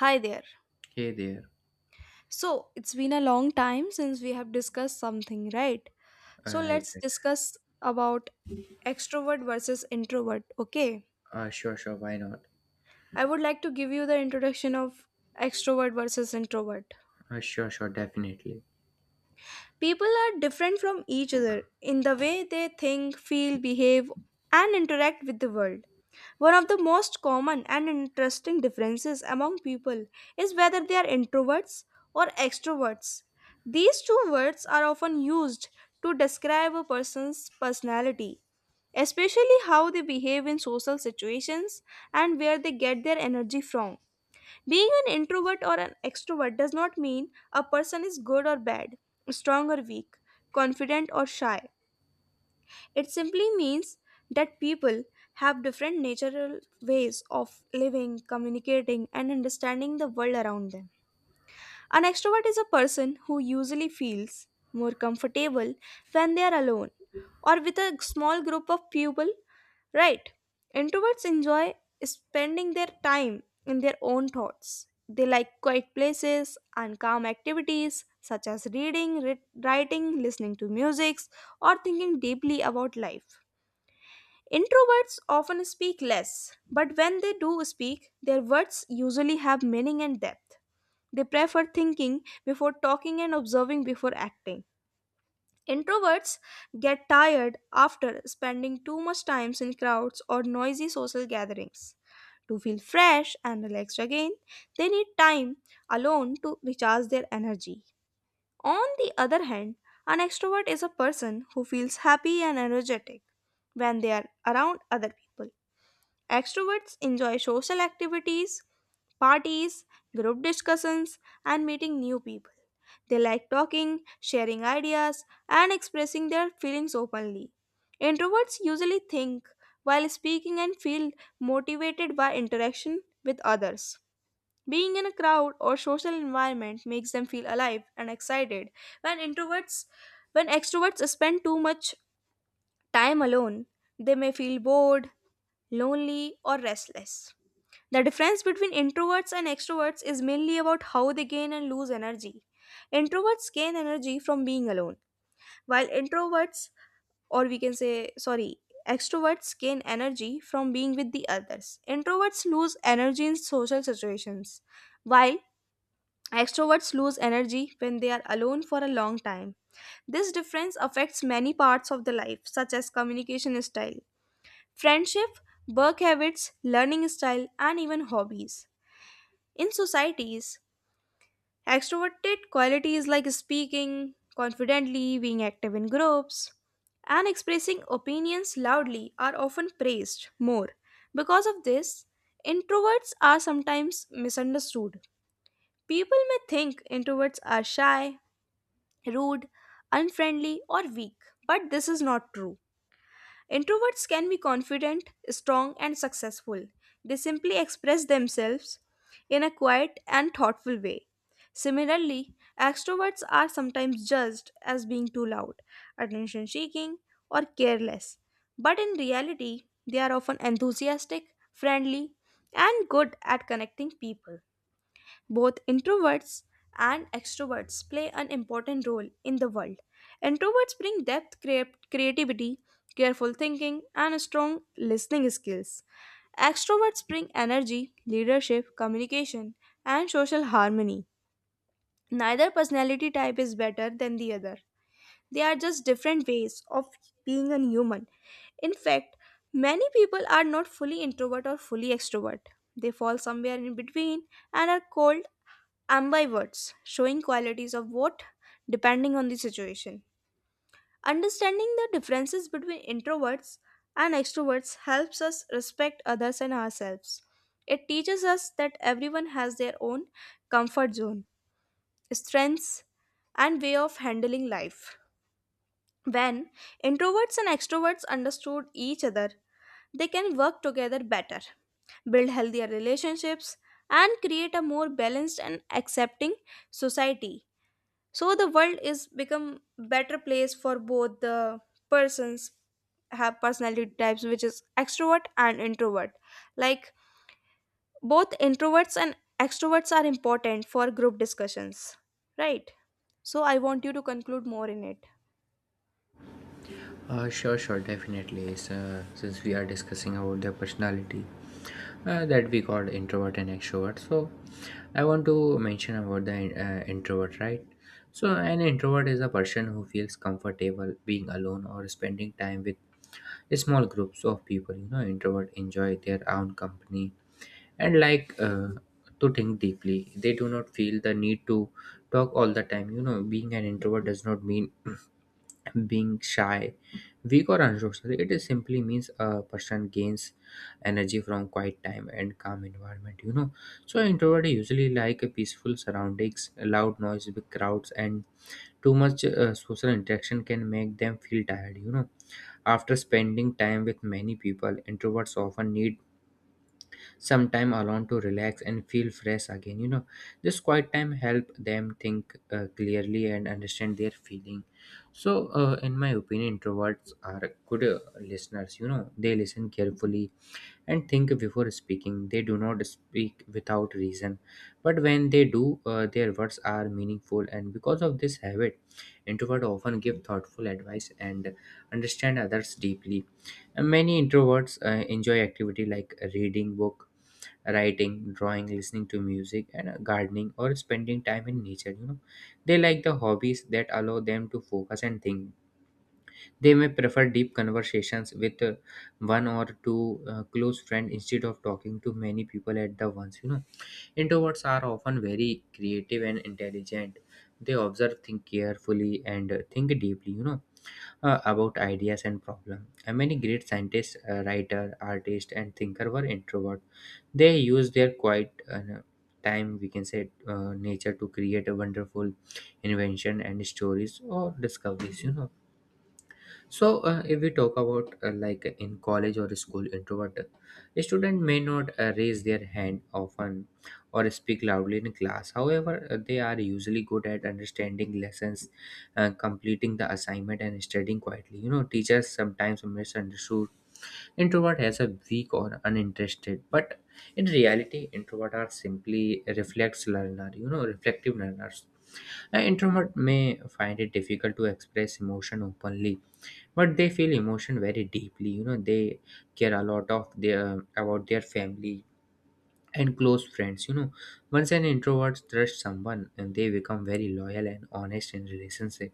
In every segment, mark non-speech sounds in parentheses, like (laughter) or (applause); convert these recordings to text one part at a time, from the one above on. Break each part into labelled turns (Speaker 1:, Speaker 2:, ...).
Speaker 1: Hi there.
Speaker 2: Hey there.
Speaker 1: So, it's been a long time since we have discussed something, right? So,
Speaker 2: Alright.
Speaker 1: let's
Speaker 2: Right.
Speaker 1: discuss about extrovert versus introvert, okay?
Speaker 2: Right. Sure. Why not?
Speaker 1: I would like to give you the introduction of extrovert versus introvert.
Speaker 2: Sure. Definitely.
Speaker 1: People are different from each other in the way they think, feel, behave, and interact with the world. One of the most common and interesting differences among people is whether they are introverts or extroverts. These two words are often used to describe a person's personality, especially how they behave in social situations and where they get their energy from. Being an introvert or an extrovert does not mean a person is good or bad, strong or weak, confident or shy. It simply means that people have different natural ways of living, communicating, and understanding the world around them. An extrovert is a person who usually feels more comfortable when they are alone or with a small group of people, right? Introverts enjoy spending their time in their own thoughts. They like quiet places and calm activities such as reading, writing, listening to music, or thinking deeply about life. Introverts often speak less, but when they do speak, their words usually have meaning and depth. They prefer thinking before talking and observing before acting. Introverts get tired after spending too much time in crowds or noisy social gatherings. To feel fresh and relaxed again, they need time alone to recharge their energy. On the other hand, an extrovert is a person who feels happy and energetic when they are around other people. Extroverts enjoy social activities, parties, group discussions, and meeting new people. They like talking, sharing ideas, and expressing their feelings openly. Introverts usually think while speaking and feel motivated by interaction with others. Being in a crowd or social environment makes them feel alive and excited. When introverts when extroverts spend too much time alone, they may feel bored, lonely, or restless. The difference between introverts and extroverts is mainly about how they gain and lose energy. Introverts gain energy from being alone, while introverts, or we can say, sorry, extroverts gain energy from being with the others. Introverts lose energy in social situations, while extroverts lose energy when they are alone for a long time. This difference affects many parts of the life, such as communication style, friendship, work habits, learning style, and even hobbies. In societies, extroverted qualities like speaking confidently, being active in groups, and expressing opinions loudly are often praised more. Because of this, introverts are sometimes misunderstood. People may think introverts are shy, rude, unfriendly, or weak, but this is not true. Introverts can be confident, strong, and successful. They simply express themselves in a quiet and thoughtful way. Similarly, extroverts are sometimes judged as being too loud, attention seeking, or careless. But in reality, they are often enthusiastic, friendly, and good at connecting people. Both introverts and extroverts play an important role in the world. Introverts bring depth, creativity, careful thinking, and strong listening skills. Extroverts bring energy, leadership, communication, and social harmony. Neither personality type is better than the other. They are just different ways of being a human. In fact, many people are not fully introvert or fully extrovert. They fall somewhere in between and are called ambivert, showing qualities of what, depending on the situation. Understanding the differences between introverts and extroverts helps us respect others and ourselves. It teaches us that everyone has their own comfort zone, strengths, and way of handling life. When introverts and extroverts understood each other, they can work together better, build healthier relationships, and create a more balanced and accepting society, so the world is become better place for both the persons have personality types which is extrovert and introvert, like both introverts and extroverts are important for group discussions, right? So I want you to conclude more in it.
Speaker 2: Sure. Definitely. So, since we are discussing about their personality, that we call introvert and extrovert. So, I want to mention about the introvert, right? So, an introvert is a person who feels comfortable being alone or spending time with small groups of people. You know, introvert enjoy their own company and like to think deeply. They do not feel the need to talk all the time. You know, being an introvert does not mean (clears throat) being shy, weak, or unsocial. It is simply means a person gains energy from quiet time and calm environment. You know, so introvert usually like a peaceful surroundings, loud noise, big crowds, and too much social interaction can make them feel tired. You know, after spending time with many people, introverts often need some time alone to relax and feel fresh again. This quiet time help them think clearly and understand their feeling. So in my opinion introverts are good listeners. You know, they listen carefully and think before speaking. They do not speak without reason, but when they do their words are meaningful, and because of this habit introvert often give thoughtful advice and understand others deeply. And many introverts enjoy activity like reading book, writing, drawing, listening to music, and gardening or spending time in nature. You know, they like the hobbies that allow them to focus and think. They may prefer deep conversations with one or two close friends instead of talking to many people at the once. You know, introverts are often very creative and intelligent. They observe, think carefully, and think deeply, you know, about ideas and problems. Many great scientists, writer, artist, and thinker were introvert. They used their quiet time, we can say, nature to create a wonderful invention and stories or discoveries. So, if we talk about like in college or school, introvert a student may not raise their hand often or speak loudly in class. However, they are usually good at understanding lessons, completing the assignment, and studying quietly. You know, teachers sometimes misunderstood introvert as a weak or uninterested, but in reality, introvert are simply reflex learner. You know, reflective learners. An introvert may find it difficult to express emotion openly, but they feel emotion very deeply. You know, they care a lot of their about their family and close friends. You know, once an introvert trusts someone and they become very loyal and honest in relationship.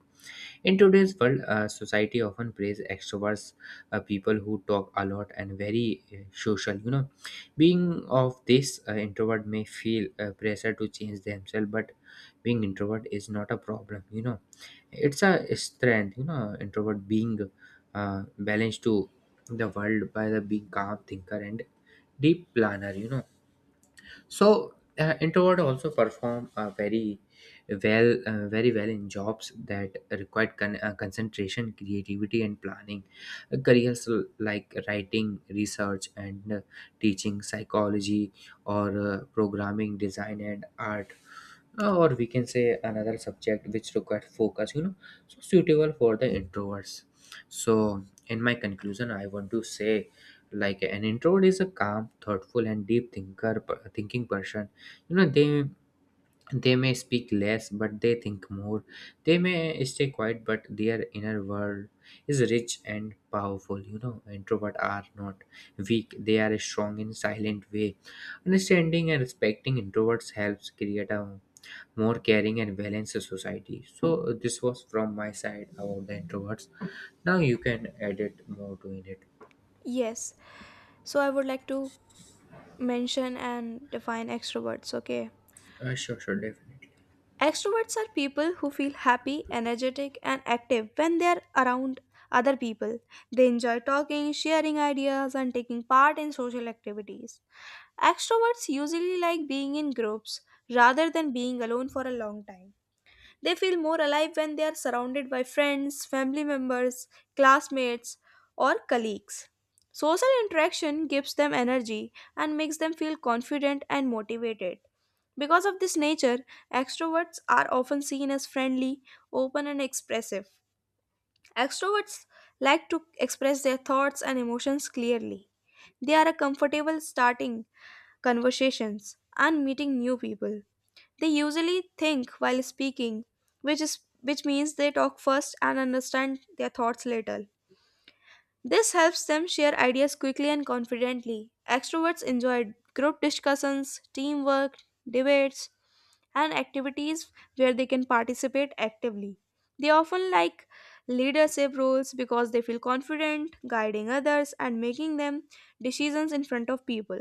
Speaker 2: In today's world society often praise extroverts, people who talk a lot and very social. You know, being of this introvert may feel pressure to change themselves, but being introvert is not a problem. You know, it's a strength. You know, introvert being balanced to the world by the being calm thinker and deep planner. You know, so introvert also perform very well in jobs that require concentration, creativity, and planning. Careers like writing, research, and teaching, psychology, or programming, design, and art, or we can say another subject which requires focus. You know, so suitable for the introverts. So in my conclusion I want to say like an introvert is a calm, thoughtful, and deep thinking person. You know, they may speak less, but they think more. They may stay quiet, but their inner world is rich and powerful. You know, introvert are not weak, they are strong in silent way. Understanding and respecting introverts helps create a more caring and balanced society. So this was from my side about the introverts. Now you can edit more to in it.
Speaker 1: Yes, so I would like to mention and define extroverts, okay.
Speaker 2: Sure, definitely.
Speaker 1: Extroverts are people who feel happy, energetic, and active when they are around other people. They enjoy talking, sharing ideas, and taking part in social activities. Extroverts usually like being in groups rather than being alone for a long time. They feel more alive when they are surrounded by friends, family members, classmates, or colleagues. Social interaction gives them energy and makes them feel confident and motivated. Because of this nature, extroverts are often seen as friendly, open, and expressive. Extroverts like to express their thoughts and emotions clearly. They are comfortable starting conversations and meeting new people. They usually think while speaking, which means they talk first and understand their thoughts later. This helps them share ideas quickly and confidently. Extroverts enjoy group discussions, teamwork, debates, and activities where they can participate actively. They often like leadership roles because they feel confident guiding others and making them decisions in front of people.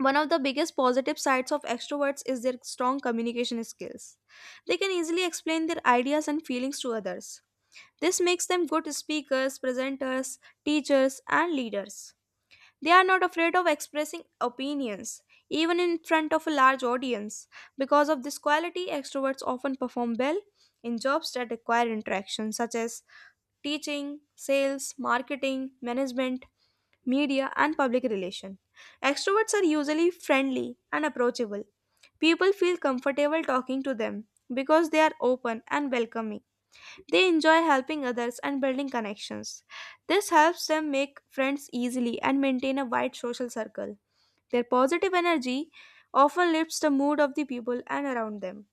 Speaker 1: One of the biggest positive sides of extroverts is their strong communication skills. They can easily explain their ideas and feelings to others. This makes them good speakers, presenters, teachers, and leaders. They are not afraid of expressing opinions, even in front of a large audience. Because of this quality, extroverts often perform well in jobs that require interaction, such as teaching, sales, marketing, management, media, and public relations. Extroverts are usually friendly and approachable. People feel comfortable talking to them because they are open and welcoming. They enjoy helping others and building connections. This helps them make friends easily and maintain a wide social circle. Their positive energy often lifts the mood of the people and around them.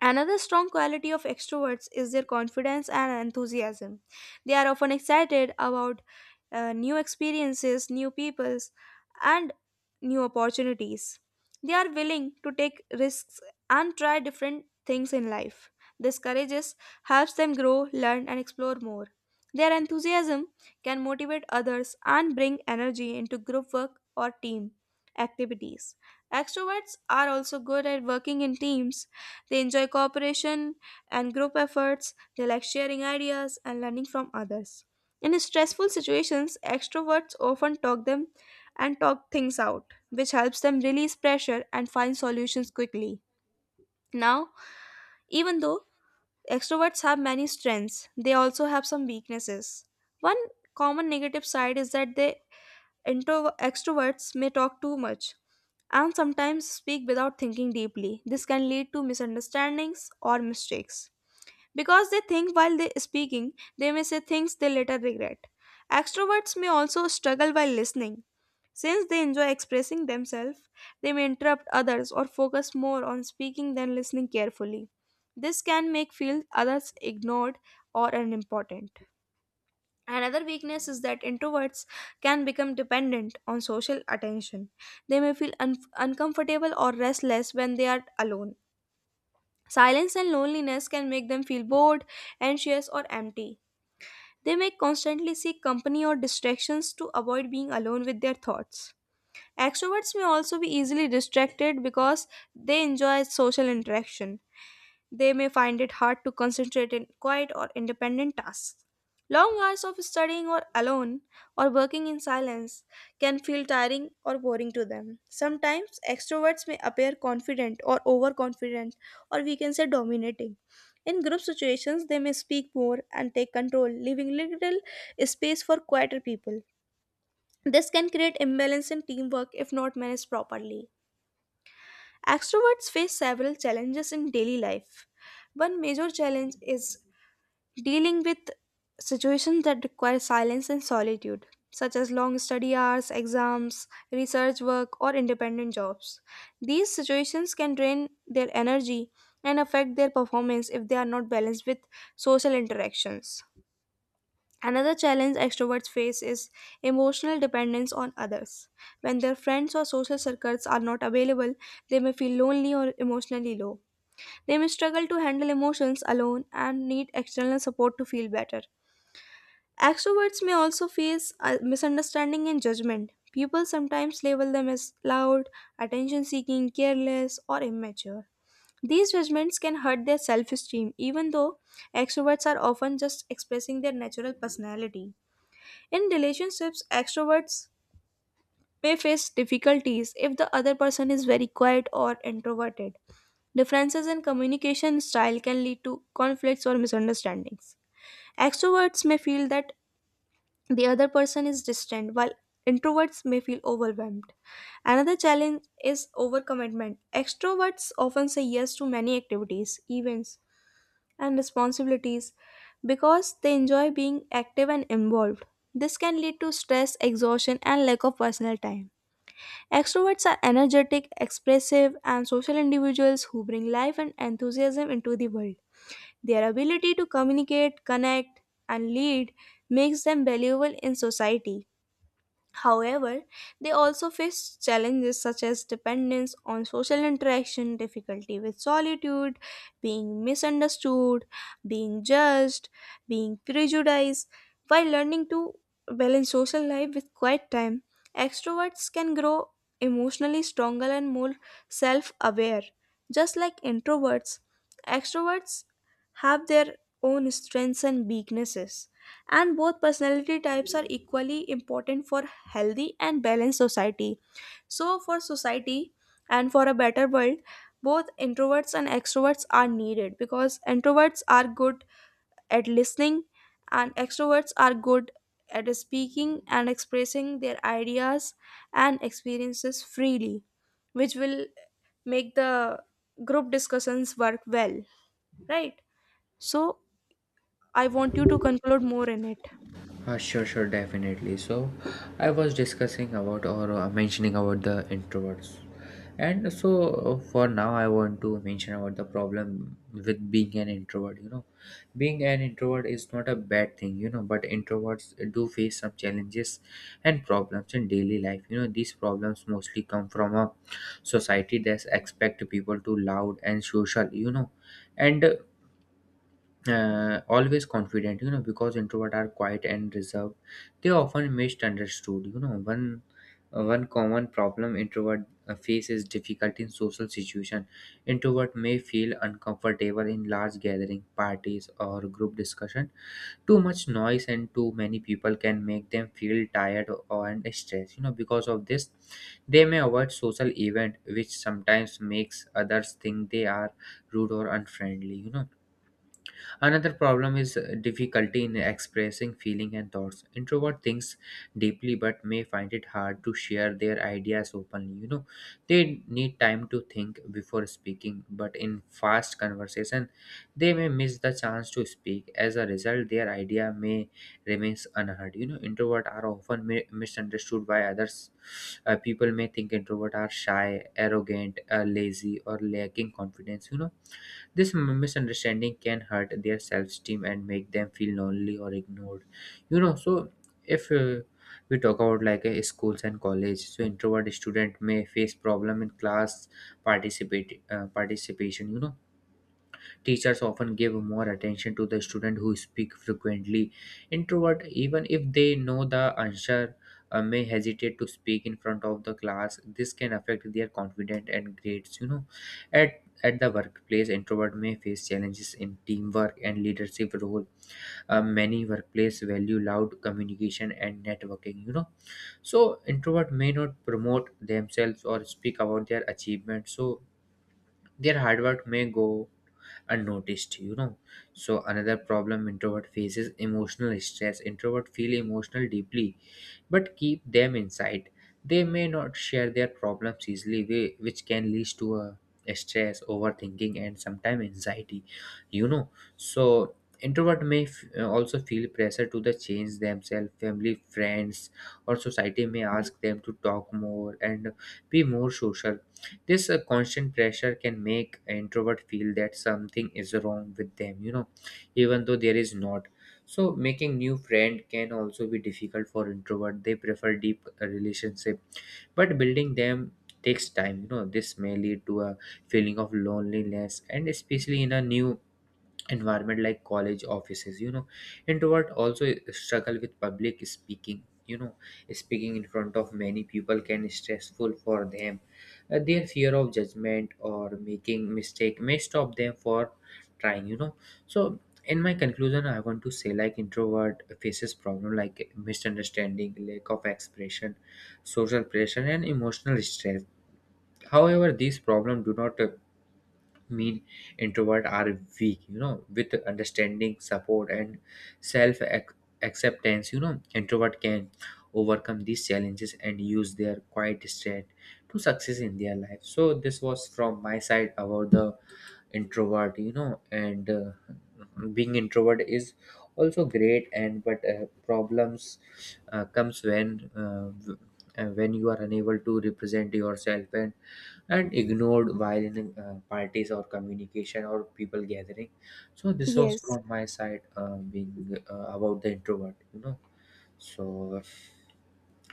Speaker 1: Another strong quality of extroverts is their confidence and enthusiasm. They are often excited about new experiences, new peoples, and new opportunities. They are willing to take risks and try different things in life. This courage helps them grow, learn, and explore more. Their enthusiasm can motivate others and bring energy into group work or team activities. Extroverts are also good at working in teams. They enjoy cooperation and group efforts. They like sharing ideas and learning from others. In stressful situations, extroverts often talk them and talk things out, which helps them release pressure and find solutions quickly. Now, even though extroverts have many strengths, they also have some weaknesses. One common negative side is that extroverts may talk too much and sometimes speak without thinking deeply. This can lead to misunderstandings or mistakes because they think while they speaking, they may say things they later regret. Extroverts may also struggle while listening. Since they enjoy expressing themselves, they may interrupt others or focus more on speaking than listening carefully. This can make feel others ignored or unimportant. Another weakness is that introverts can become dependent on social attention. They may feel uncomfortable or restless when they are alone. Silence and loneliness can make them feel bored, anxious, or empty. They may constantly seek company or distractions to avoid being alone with their thoughts. Extroverts may also be easily distracted. Because they enjoy social interaction, they may find it hard to concentrate in quiet or independent tasks. Long hours of studying or alone or working in silence can feel tiring or boring to them. Sometimes extroverts may appear confident or overconfident, or we can say dominating. In group situations, they may speak more and take control, leaving little space for quieter people. This can create imbalance in teamwork if not managed properly. Extroverts face several challenges in daily life. One major challenge is dealing with situations that require silence and solitude, such as long study hours, exams, research work, or independent jobs. These situations can drain their energy and affect their performance if they are not balanced with social interactions. Another challenge extroverts face is emotional dependence on others. When their friends or social circles are not available, they may feel lonely or emotionally low. They may struggle to handle emotions alone and need external support to feel better. Extroverts may also face misunderstanding and judgment. People sometimes label them as loud, attention seeking, careless, or immature. These judgments can hurt their self esteem, even though extroverts are often just expressing their natural personality. In relationships, extroverts may face difficulties if the other person is very quiet or introverted. Differences in communication style can lead to conflicts or misunderstandings. Extroverts may feel that the other person is distant, while introverts may feel overwhelmed. Another challenge is overcommitment. Extroverts often say yes to many activities, events, and responsibilities because they enjoy being active and involved. This can lead to stress, exhaustion, and lack of personal time. Extroverts are energetic, expressive, and social individuals who bring life and enthusiasm into the world. Their ability to communicate, connect, and lead makes them valuable in society. However, they also face challenges such as dependence on social interaction, difficulty with solitude, being misunderstood, being judged, being prejudiced. While learning to balance social life with quiet time, extroverts can grow emotionally stronger and more self aware. Just like introverts, extroverts have their own strengths and weaknesses, and both personality types are equally important for healthy and balanced society. So for society and for a better world, both introverts and extroverts are needed, because introverts are good at listening and extroverts are good at speaking and expressing their ideas and experiences freely, which will make the group discussions work well, right? So I want you to conclude more in it.
Speaker 2: Sure, definitely. So, I was discussing about or mentioning about the introverts, and so for now, I want to mention about the problem with being an introvert. You know, being an introvert is not a bad thing, you know, but introverts do face some challenges and problems in daily life. You know, these problems mostly come from a society that expect people to loud and social. You know, and always confident. You know, because introvert are quiet and reserved, they often misunderstood. You know, one common problem introvert face is difficulty in social situation. Introvert may feel uncomfortable in large gathering, parties, or group discussion. Too much noise and too many people can make them feel tired or and stressed. You know, because of this they may avoid social event, which sometimes makes others think they are rude or unfriendly. You know, another problem is difficulty in expressing feeling and thoughts. Introvert thinks deeply but may find it hard to share their ideas openly. You know, they need time to think before speaking, but in fast conversation, they may miss the chance to speak. As a result, their idea may remains unheard. You know, introvert are often misunderstood by others. People may think introvert are shy, arrogant, lazy, or lacking confidence. You know, this misunderstanding can hurt their self esteem and make them feel lonely or ignored. You know, so if we talk about like schools and college, so introvert student may face problem in class participate participation. You know, teachers often give more attention to the student who speak frequently. Introvert, even if they know the answer, may hesitate to speak in front of the class. This can affect their confidence and grades. You know, at the workplace, introvert may face challenges in teamwork and leadership role. Many workplace value loud communication and networking. You know, so introvert may not promote themselves or speak about their achievements. So their hard work may go unnoticed. You know, so another problem introvert faces emotional stress. Introvert feel emotional deeply but keep them inside. They may not share their problems easily, which can lead to a stress, overthinking, and sometimes anxiety. You know, so introvert may also feel pressure to the change themselves. Family, friends, or society may ask them to talk more and be more social. This constant pressure can make an introvert feel that something is wrong with them, you know, even though there is not. So making new friend can also be difficult for introvert. They prefer deep relationship, but building them takes time. You know, this may lead to a feeling of loneliness, and especially in a new environment like college offices. You know, introvert also struggle with public speaking. You know, speaking in front of many people can stressful for them. Their fear of judgment or making mistake may stop them for trying. You know, so in my conclusion I want to say like introvert faces problem like misunderstanding, lack of expression, social pressure, and emotional stress. However, these problems do not mean introvert are weak. You know, with understanding, support, and self ac- acceptance, you know, introvert can overcome these challenges and use their quiet strength to success in their life. So this was from my side about the introvert. You know, and being introvert is also great, and but problems comes when when you are unable to represent yourself and ignored while in parties or communication or people gathering. So this was
Speaker 1: Yes.
Speaker 2: from my side being about the introvert, you know. So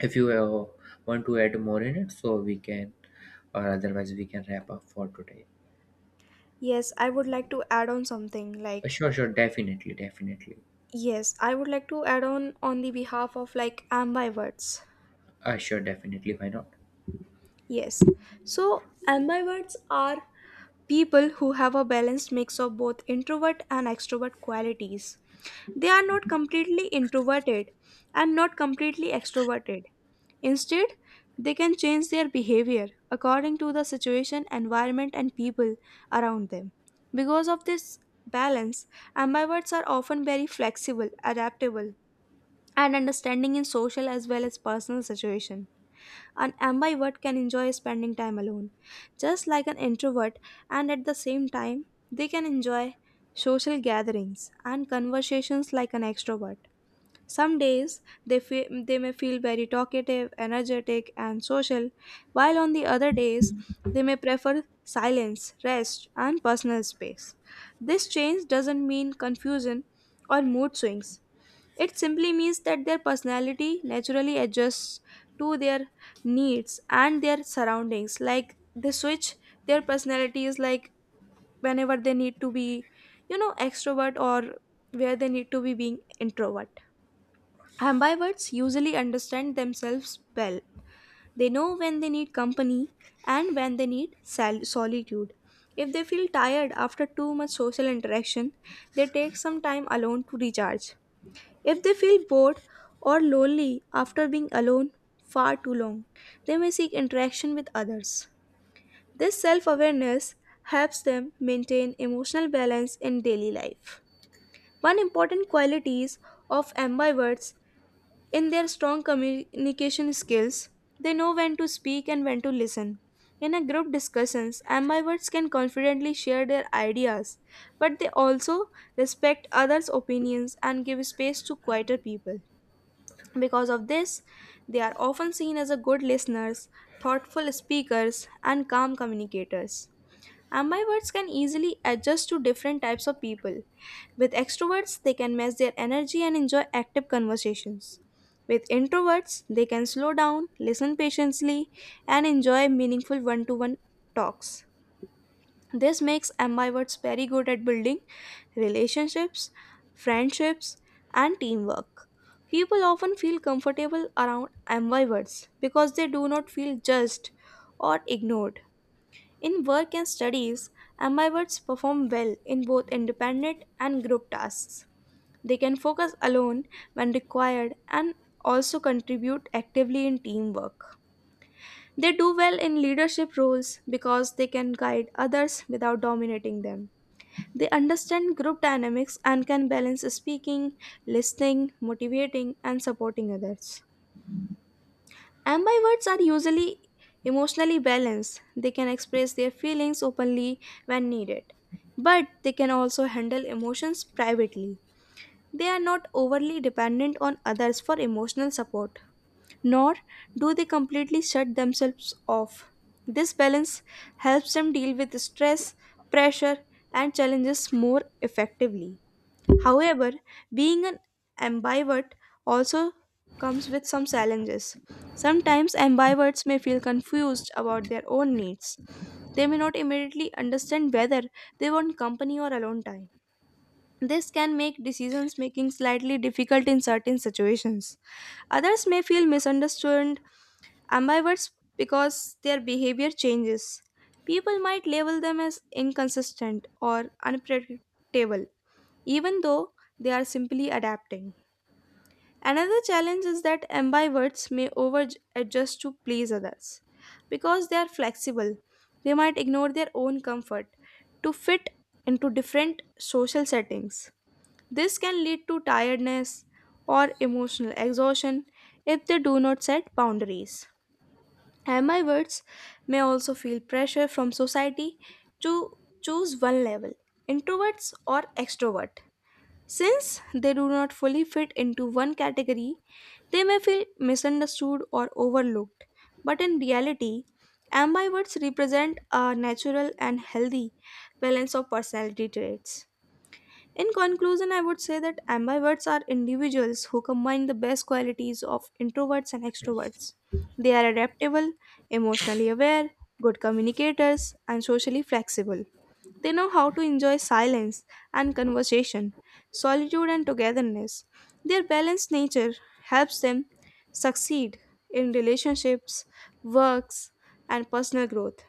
Speaker 2: if you want to add more in it, so we can, or otherwise we can wrap up for today.
Speaker 1: Yes, I would like to add on something
Speaker 2: Uh,
Speaker 1: like
Speaker 2: sure sure definitely definitely
Speaker 1: yes, I would like to add on the behalf of like ambiverts.
Speaker 2: Sure, definitely. Why not?
Speaker 1: Yes. So ambiverts are people who have a balanced mix of both introvert and extrovert qualities. They are not completely introverted and not completely extroverted. Instead, they can change their behavior according to the situation, environment, and people around them. Because of this balance, ambiverts are often very flexible, adaptable, and understanding in social as well as personal situation. An ambivert can enjoy spending time alone, just like an introvert, and at the same time, they can enjoy social gatherings and conversations like an extrovert. Some days they may feel very talkative, energetic, and social, while on the other days they may prefer silence, rest, and personal space. This change doesn't mean confusion or mood swings. It simply means that their personality naturally adjusts to their needs and their surroundings. Like they switch their personalities, like whenever they need to be, extrovert, or where they need to be being introvert. Ambiverts usually understand themselves well. They know when they need company and when they need solitude. If they feel tired after too much social interaction, they take some time alone to recharge. If they feel bored or lonely after being alone far too long, they may seek interaction with others. This self awareness helps them maintain emotional balance in daily life. One important quality of ambiverts in their strong communication skills, they know when to speak and when to listen. In a group discussions, ambiverts can confidently share their ideas, but they also respect others' opinions and give space to quieter people. Because of this, they are often seen as a good listeners, thoughtful speakers, and calm communicators. Ambiverts can easily adjust to different types of people. With extroverts, they can match their energy and enjoy active conversations. With introverts, they can slow down, listen patiently, and enjoy meaningful one to one talks. This makes ambiverts very good at building relationships, friendships, and teamwork. People often feel comfortable around ambiverts because they do not feel judged or ignored. In work and studies, ambiverts perform well in both independent and group tasks. They can focus alone when required and also contribute actively in teamwork. They do well in leadership roles because they can guide others without dominating them. They understand group dynamics and can balance speaking, listening, motivating, and supporting others. Ambiverts are usually emotionally balanced. They can express their feelings openly when needed, but they can also handle emotions privately. They are not overly dependent on others for emotional support, nor do they completely shut themselves off. This balance helps them deal with stress, pressure, and challenges more effectively. However, being an ambivert also comes with some challenges. Sometimes ambiverts may feel confused about their own needs. They may not immediately understand whether they want company or alone time. This can make decisions making slightly difficult in certain situations. Others may feel misunderstood, ambiverts, because their behavior changes. People might label them as inconsistent or unpredictable, even though they are simply adapting. Another challenge is that ambiverts may over adjust to please others. Because they are flexible, they might ignore their own comfort to fit into different social settings. This can lead to tiredness or emotional exhaustion if they do not set boundaries. And words may also feel pressure from society to choose one level, introverts or extrovert. Since they do not fully fit into one category, they may feel misunderstood or overlooked. But in reality, ambiverts represent a natural and healthy balance of personality traits. In conclusion, I would say that ambiverts are individuals who combine the best qualities of introverts and extroverts. They are adaptable, emotionally aware, good communicators, and socially flexible. They know how to enjoy silence and conversation, solitude and togetherness. Their balanced nature helps them succeed in relationships, works, and personal growth.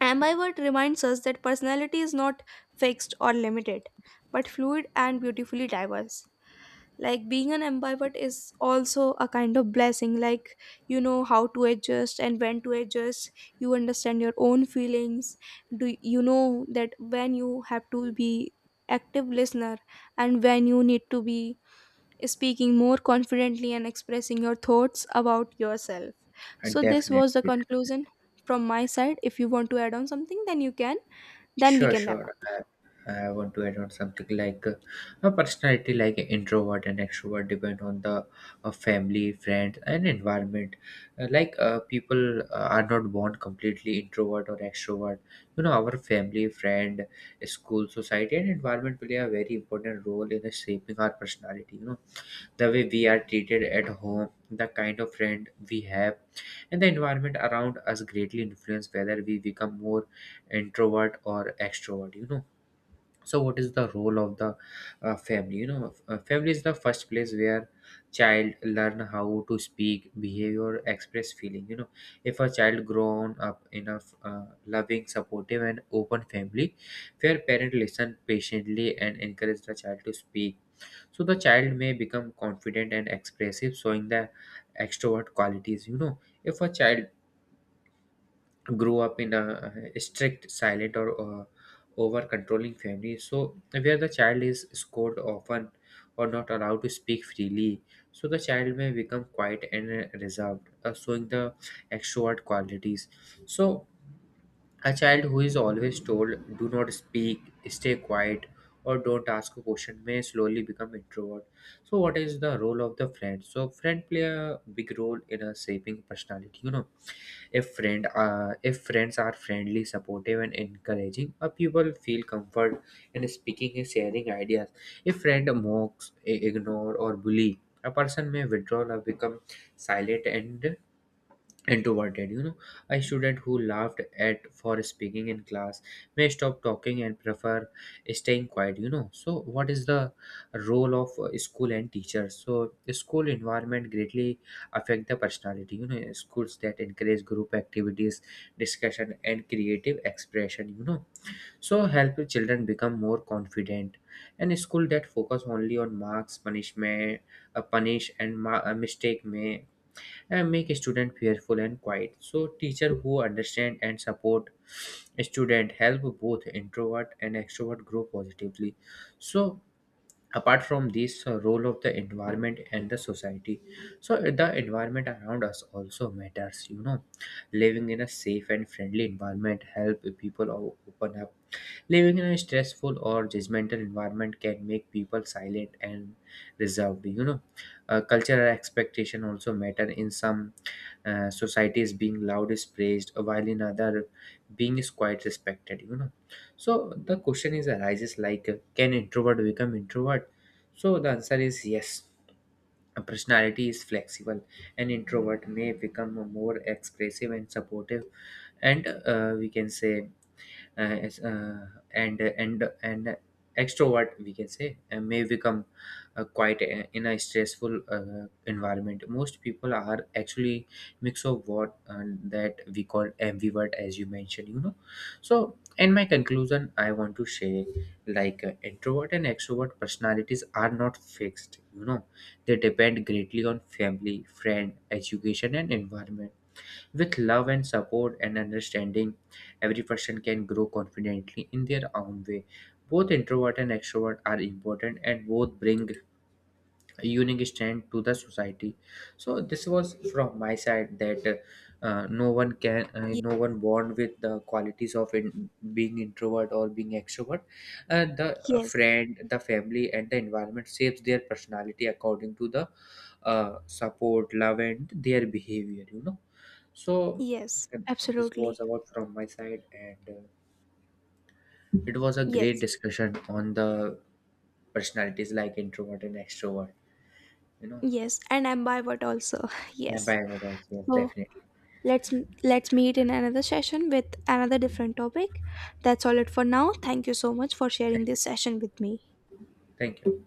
Speaker 1: Ambivert reminds us that personality is not fixed or limited, but fluid and beautifully diverse. Like being an ambivert is also a kind of blessing, like you know how to adjust and when to adjust, you understand your own feelings. Do you know that when you have to be active listener and when you need to be speaking more confidently and expressing your thoughts about yourself.
Speaker 2: Uh,
Speaker 1: So, this
Speaker 2: definitely,
Speaker 1: was the
Speaker 2: definitely.
Speaker 1: conclusion from my side. If you want to add on something, then you can, then we
Speaker 2: Sure,
Speaker 1: can wrap
Speaker 2: sure.
Speaker 1: up.
Speaker 2: I want to add on something like a personality like introvert and extrovert depend on the family, friends, and environment. Like people are not born completely introvert or extrovert. You know, our family, friend, school, society, and environment play a very important role in shaping our personality. You know, the way we are treated at home, the kind of friend we have, and the environment around us greatly influence whether we become more introvert or extrovert. You know, so what is the role of the family? You know, family is the first place where child learn how to speak, behave, or express feeling. You know, if a child grown up in a loving, supportive, and open family, where parent listen patiently and encourage the child to speak, so the child may become confident and expressive, showing the extrovert qualities. You know, if a child grew up in a strict, silent, or over controlling family, so where the child is scored often or not allowed to speak freely, so the child may become quiet and reserved, showing the extrovert qualities. So, a child who is always told, do not speak, stay quiet, or don't ask a question may slowly become introvert. So, what is the role of the friend? So, friend play a big role in shaping personality. You know, if friends are friendly, supportive, and encouraging, a people feel comfort in speaking and sharing ideas. If friend mocks, ignore, or bully, a person may withdraw or become silent and introverted. You know, a student who laughed at for speaking in class may stop talking and prefer staying quiet. You know, so what is the role of school and teachers? So the school environment greatly affect the personality. You know, schools that encourage group activities, discussion, and creative expression, you know, so help children become more confident. And a school that focus only on marks, punishment, mistake may and make student fearful and quiet. So teacher who understand and support student help both introvert and extrovert grow positively. So apart from this role of the environment and the society, so the environment around us also matters. You know, living in a safe and friendly environment help people open up. Living in a stressful or judgmental environment can make people silent and reserved. You know, cultural expectation also matter. In some societies, being loud is praised, while in other, being is quite respected. You know, so the question is arises like, can introvert become introvert? So the answer is yes. A personality is flexible. An introvert may become more expressive and supportive, and we can say uh, as, and extrovert we can say may become quite a, in a stressful environment. Most people are actually mix of what that we call ambivert as you mentioned. You know, so in my conclusion I want to say, like, introvert and extrovert personalities are not fixed. You know, they depend greatly on family, friend, education, and environment. With love and support and understanding, every person can grow confidently in their own way. Both introvert and extrovert are important, and both bring a unique strength to the society. So this was from my side that
Speaker 1: Ye-
Speaker 2: no one born with the qualities of in, being introvert or being extrovert. The
Speaker 1: Yes,
Speaker 2: friend, the family, and the environment shapes their personality according to the support, love, and their behavior, you know. So
Speaker 1: yes,
Speaker 2: and this was
Speaker 1: absolutely.
Speaker 2: about from my side, and it was a great
Speaker 1: Yes,
Speaker 2: discussion on the personalities like introvert and extrovert. You know,
Speaker 1: yes, and I'm bivot also. (laughs)
Speaker 2: and
Speaker 1: Yes.
Speaker 2: ambivert also, yes,
Speaker 1: So,
Speaker 2: definitely.
Speaker 1: let's let's meet in another session with another different topic. That's all it for now. Thank you so much for sharing
Speaker 2: Thank you.
Speaker 1: this session with me.
Speaker 2: Thank you.